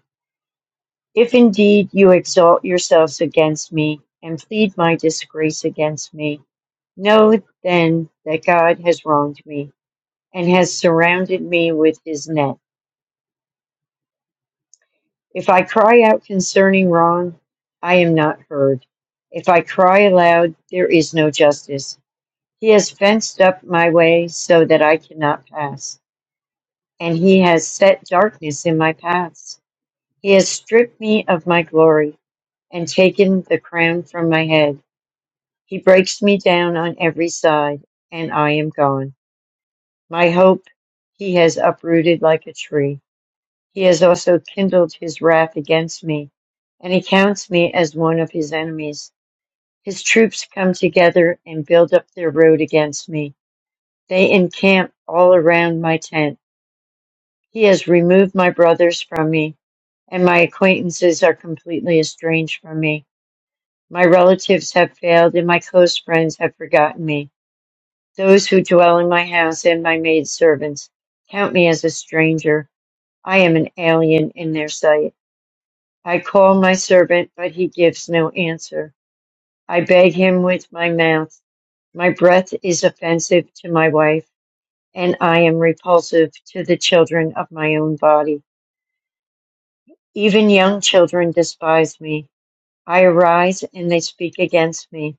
B: If indeed you exalt yourselves against me and plead my disgrace against me, know then that God has wronged me and has surrounded me with his net. If I cry out concerning wrong, I am not heard. If I cry aloud, there is no justice. He has fenced up my way so that I cannot pass, and he has set darkness in my paths. He has stripped me of my glory and taken the crown from my head. He breaks me down on every side, and I am gone. My hope he has uprooted like a tree. He has also kindled his wrath against me, and he counts me as one of his enemies. His troops come together and build up their road against me. They encamp all around my tent. He has removed my brothers from me, and my acquaintances are completely estranged from me. My relatives have failed, and my close friends have forgotten me. Those who dwell in my house and my maidservants count me as a stranger. I am an alien in their sight. I call my servant, but he gives no answer. I beg him with my mouth. My breath is offensive to my wife, and I am repulsive to the children of my own body. Even young children despise me. I arise and they speak against me.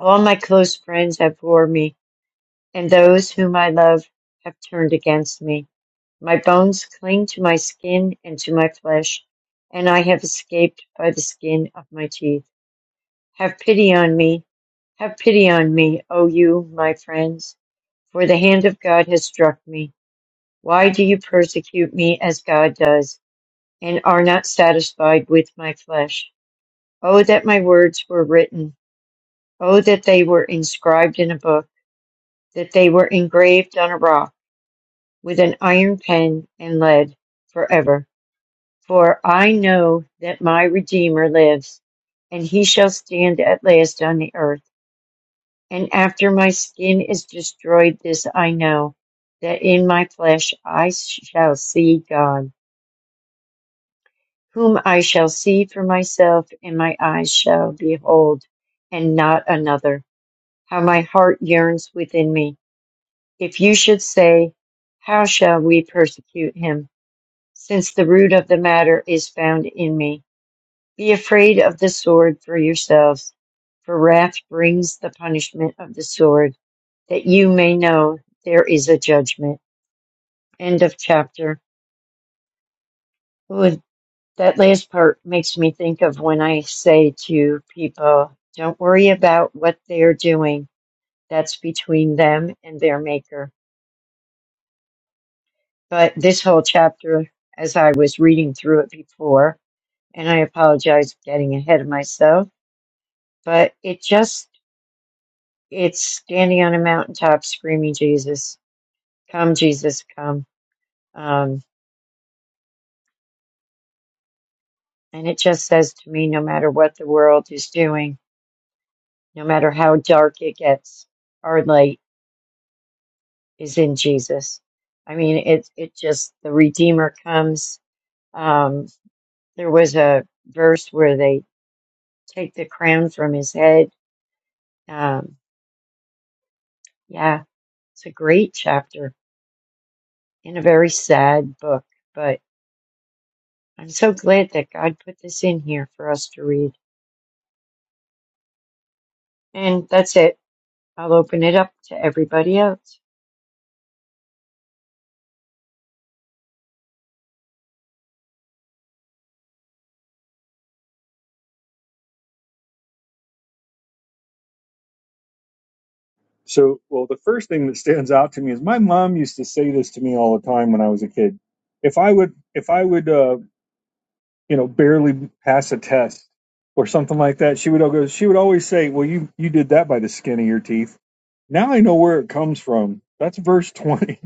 B: All my close friends abhor me, and those whom I love have turned against me. My bones cling to my skin and to my flesh, and I have escaped by the skin of my teeth. Have pity on me, have pity on me, O you, my friends, for the hand of God has struck me. Why do you persecute me as God does, and are not satisfied with my flesh? Oh, that my words were written! Oh, that they were inscribed in a book, that they were engraved on a rock with an iron pen and lead forever. For I know that my Redeemer lives, and he shall stand at last on the earth. And after my skin is destroyed, this I know, that in my flesh I shall see God, whom I shall see for myself, and my eyes shall behold, and not another. How my heart yearns within me. If you should say, How shall we persecute him? Since the root of the matter is found in me. Be afraid of the sword for yourselves, for wrath brings the punishment of the sword, that you may know there is a judgment. End of chapter. Ooh, that last part makes me think of when I say to people, don't worry about what they're doing. That's between them and their maker. But this whole chapter, as I was reading through it before, and I apologize for getting ahead of myself, but it just it's standing on a mountaintop screaming jesus come jesus come um, and it just says to me no matter what the world is doing no matter how dark it gets our light is in jesus i mean it it just the redeemer comes um, there was a verse where they take the crown from his head um, yeah it's a great chapter in a very sad book but i'm so glad that god put this in here for us to read And that's it. I'll open it up to everybody else.
A: So, well, the first thing that stands out to me is my mom used to say this to me all the time when I was a kid. If I would, if I would, uh, you know, barely pass a test or something like that, she would al- go. She would always say, "Well, you you did that by the skin of your teeth." Now I know where it comes from. That's verse twenty.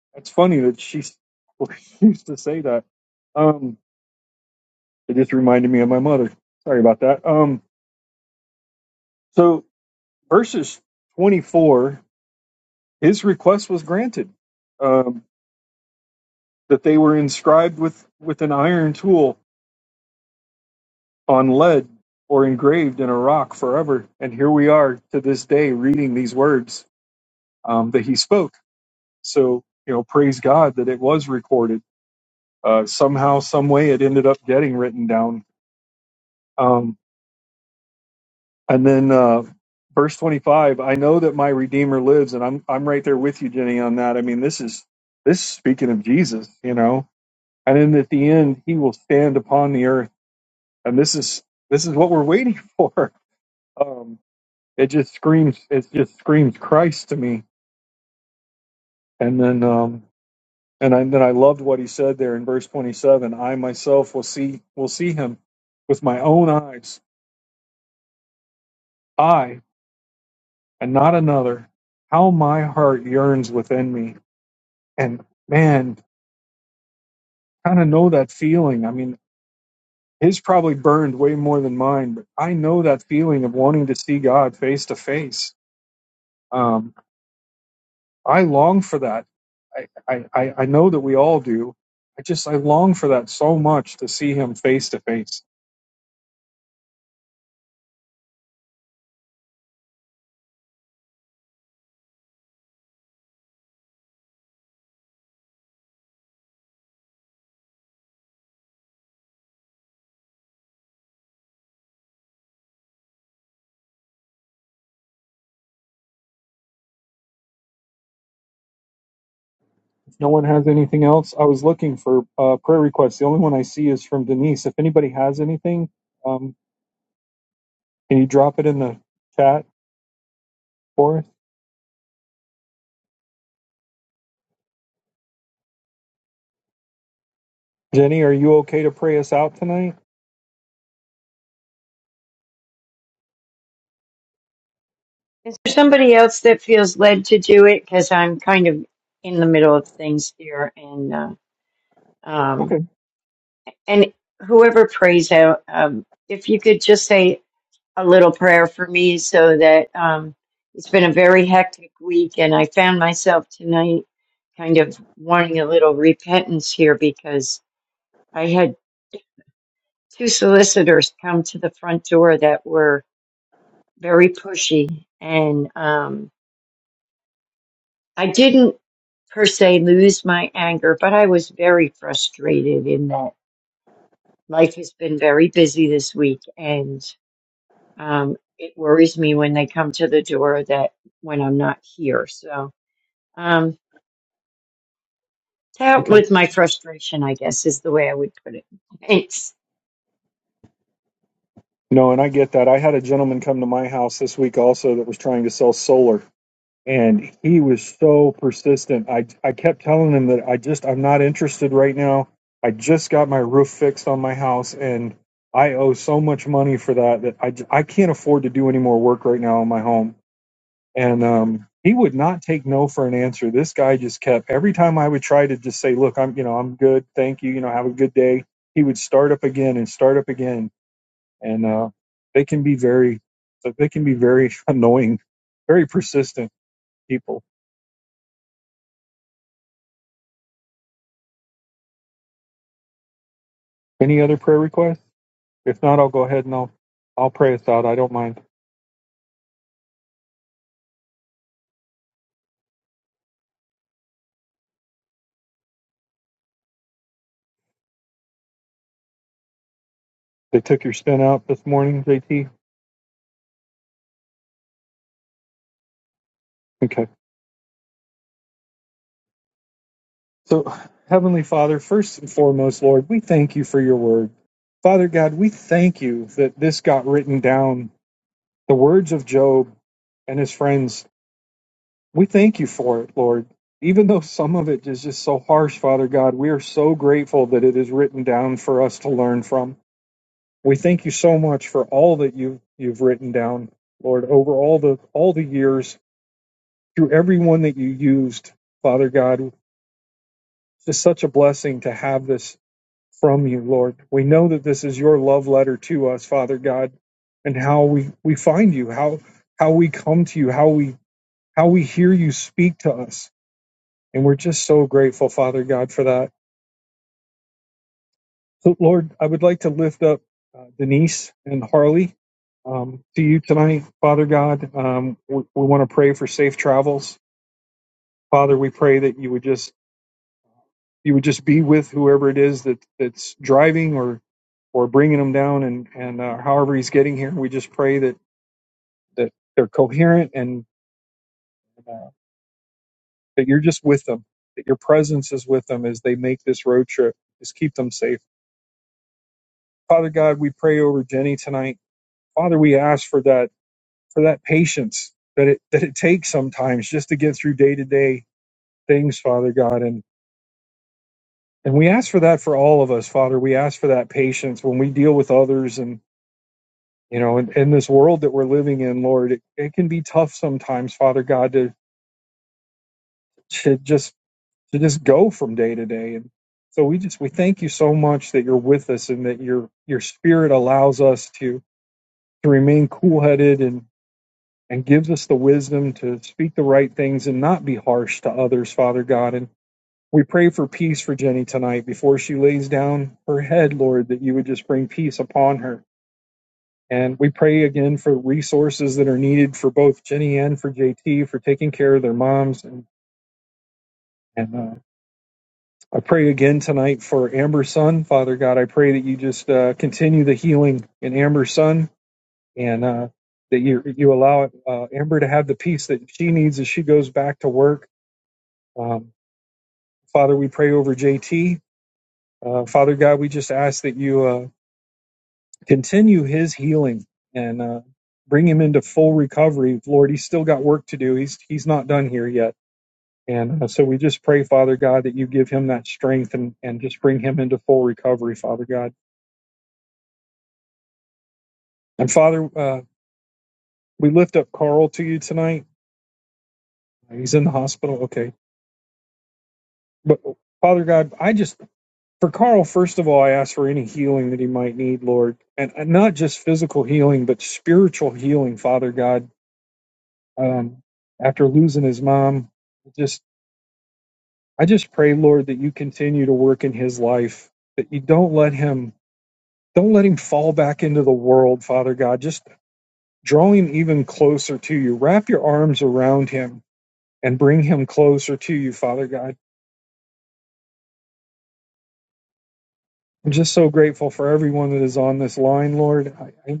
A: (laughs) That's funny that she s- (laughs) used to say that. Um, it just reminded me of my mother. Sorry about that. Um, so verses twenty four His request was granted um, that they were inscribed with, with an iron tool on lead or engraved in a rock forever. And here we are to this day reading these words um, that he spoke. So, you know, praise God that it was recorded. Uh, somehow, some way, it ended up getting written down. Um, and then uh, verse 25 I know that my Redeemer lives. And I'm, I'm right there with you, Jenny, on that. I mean, this is this is speaking of Jesus, you know and then at the end he will stand upon the earth and this is this is what we're waiting (laughs) for um it just screams it just screams christ to me and then um and, I, then i loved what he said there in verse 27 i myself will see will see him with my own eyes i and not another how my heart yearns within me and man kind of know that feeling i mean his probably burned way more than mine but i know that feeling of wanting to see god face to face Um, I long for that. I, I, I I know that we all do. I just, I long for that so much to see him face to face. If no one has anything else, I was looking for uh, prayer requests. The only one I see is from Denise. If anybody has anything, um, can you drop it in the chat for us? Jenny, are you okay to pray us out tonight?
B: Is there somebody else that feels led to do it? Because I'm kind of in the middle of things here, and uh, um,
A: Okay.
B: and whoever prays out, um, if you could just say a little prayer for me so that um, it's been a very hectic week, and I found myself tonight kind of wanting a little repentance here because I had two solicitors come to the front door that were very pushy, and um, I didn't per se lose my anger, but I was very frustrated in that life has been very busy this week, and um, it worries me when they come to the door that when I'm not here. So Um, that
A: Okay.
B: was my frustration, I guess, is the way I would put it. Thanks.
A: No, and I get that. I had a gentleman come to my house this week also that was trying to sell solar and he was so persistent. I I kept telling him that I just I'm not interested right now. I just got my roof fixed on my house and I owe so much money for that that I j- I can't afford to do any more work right now on my home. And um he would not take no for an answer. This guy just kept every time I would try to just say, "Look, I'm you know, I'm good. Thank you. You know, have a good day." He would start up again and start up again and uh they can be very they can be very (laughs) annoying, very persistent people. Any other prayer requests? If not, I'll go ahead and I'll I'll pray us out. I don't mind. They took your spin out this morning, JT. Okay. So, Heavenly Father, first and foremost, Lord, we thank you for your word. Father God, we thank you that this got written down, the words of Job and his friends. We thank you for it, Lord. Even though some of it is just so harsh, Father God, we are so grateful that it is written down for us to learn from. We thank you so much for all that you you've written down, Lord, over all the all the years through everyone that you used, Father God. It's such a blessing to have this from you, Lord. We know that this is your love letter to us, Father God, and how we we find you, how how we come to you, how we how we hear you speak to us. And we're just so grateful, Father God, for that. So, Lord, I would like to lift up uh, Denise and Harley um, to you tonight, Father God. Um, we we want to pray for safe travels, Father. We pray that you would just you would just be with whoever it is that that's driving or or bringing them down, and and uh, however he's getting here. We just pray that that they're coherent and uh, that you're just with them, that your presence is with them as they make this road trip. Just keep them safe, Father God. We pray over Jenny tonight, Father. We ask for that for that patience that it that it takes sometimes just to get through day to day things, Father God. And and we ask for that for all of us, Father. We ask for that patience when we deal with others and you know, in, in this world that we're living in, Lord, it, it can be tough sometimes, Father God, to, to just to just go from day to day. And so we just we thank you so much that you're with us and that your your spirit allows us to to remain cool headed and. and gives us the wisdom to speak the right things and not be harsh to others, Father God. And we pray for peace for Jenny tonight before she lays down her head, Lord, that you would just bring peace upon her. And we pray again for resources that are needed for both Jenny and for JT for taking care of their moms. And, and uh, I pray again tonight for Amber's son, Father God. I pray that you just uh, continue the healing in Amber's son and uh, that you you allow uh, Amber to have the peace that she needs as she goes back to work Um, Father, we pray over JT. Uh, Father God, we just ask that you uh, continue his healing and uh, bring him into full recovery. Lord, he's still got work to do. He's he's not done here yet. And uh, so we just pray, Father God, that you give him that strength and, and just bring him into full recovery, Father God. And Father, uh, we lift up Carl to you tonight. He's in the hospital. Okay. But Father God, I just For Carl, first of all, I ask for any healing that he might need, Lord, and, and not just physical healing, but spiritual healing, Father God. Um, after losing his mom, just I just pray, Lord, that you continue to work in his life, that you don't let him don't let him fall back into the world, Father God. Just draw him even closer to you. Wrap your arms around him and bring him closer to you, Father God. I'm just so grateful for everyone that is on this line, Lord. I,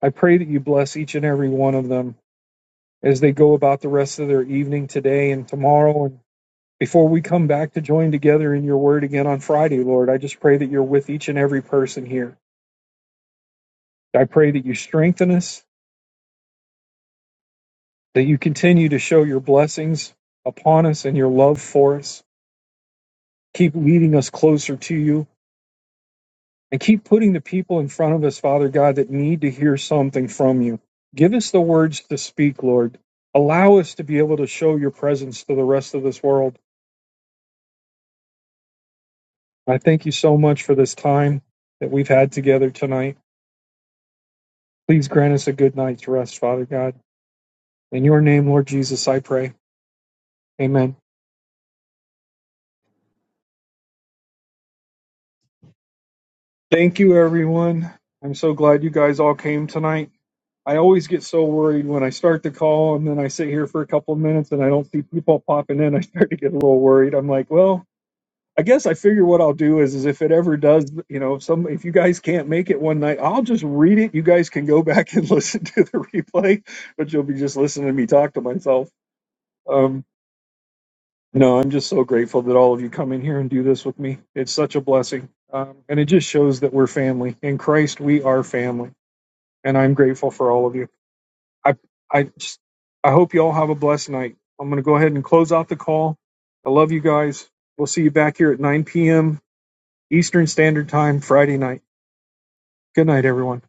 A: I pray that you bless each and every one of them as they go about the rest of their evening today and tomorrow. And before we come back to join together in your word again on Friday, Lord, I just pray that you're with each and every person here. I pray that you strengthen us, that you continue to show your blessings upon us and your love for us. Keep leading us closer to you and keep putting the people in front of us, Father God, that need to hear something from you. Give us the words to speak, Lord. Allow us to be able to show your presence to the rest of this world. I thank you so much for this time that we've had together tonight. Please grant us a good night's rest, Father God. In your name, Lord Jesus, I pray. Amen. Thank you, everyone. I'm so glad you guys all came tonight. I always get so worried when I start the call and then I sit here for a couple of minutes and I don't see people popping in. I start to get a little worried. I'm like, well, I guess I figure what I'll do is, is if it ever does, you know, some if you guys can't make it one night, I'll just read it. You guys can go back and (laughs) listen to the replay, but you'll be just listening to me talk to myself. Um, no, I'm just so grateful that all of you come in here and do this with me. It's such a blessing, um, and it just shows that we're family in Christ. We are family, and I'm grateful for all of you. I I just I hope you all have a blessed night. I'm going to go ahead and close out the call. I love you guys. We'll see you back here at 9 p.m. Eastern Standard Time Friday night. Good night, everyone.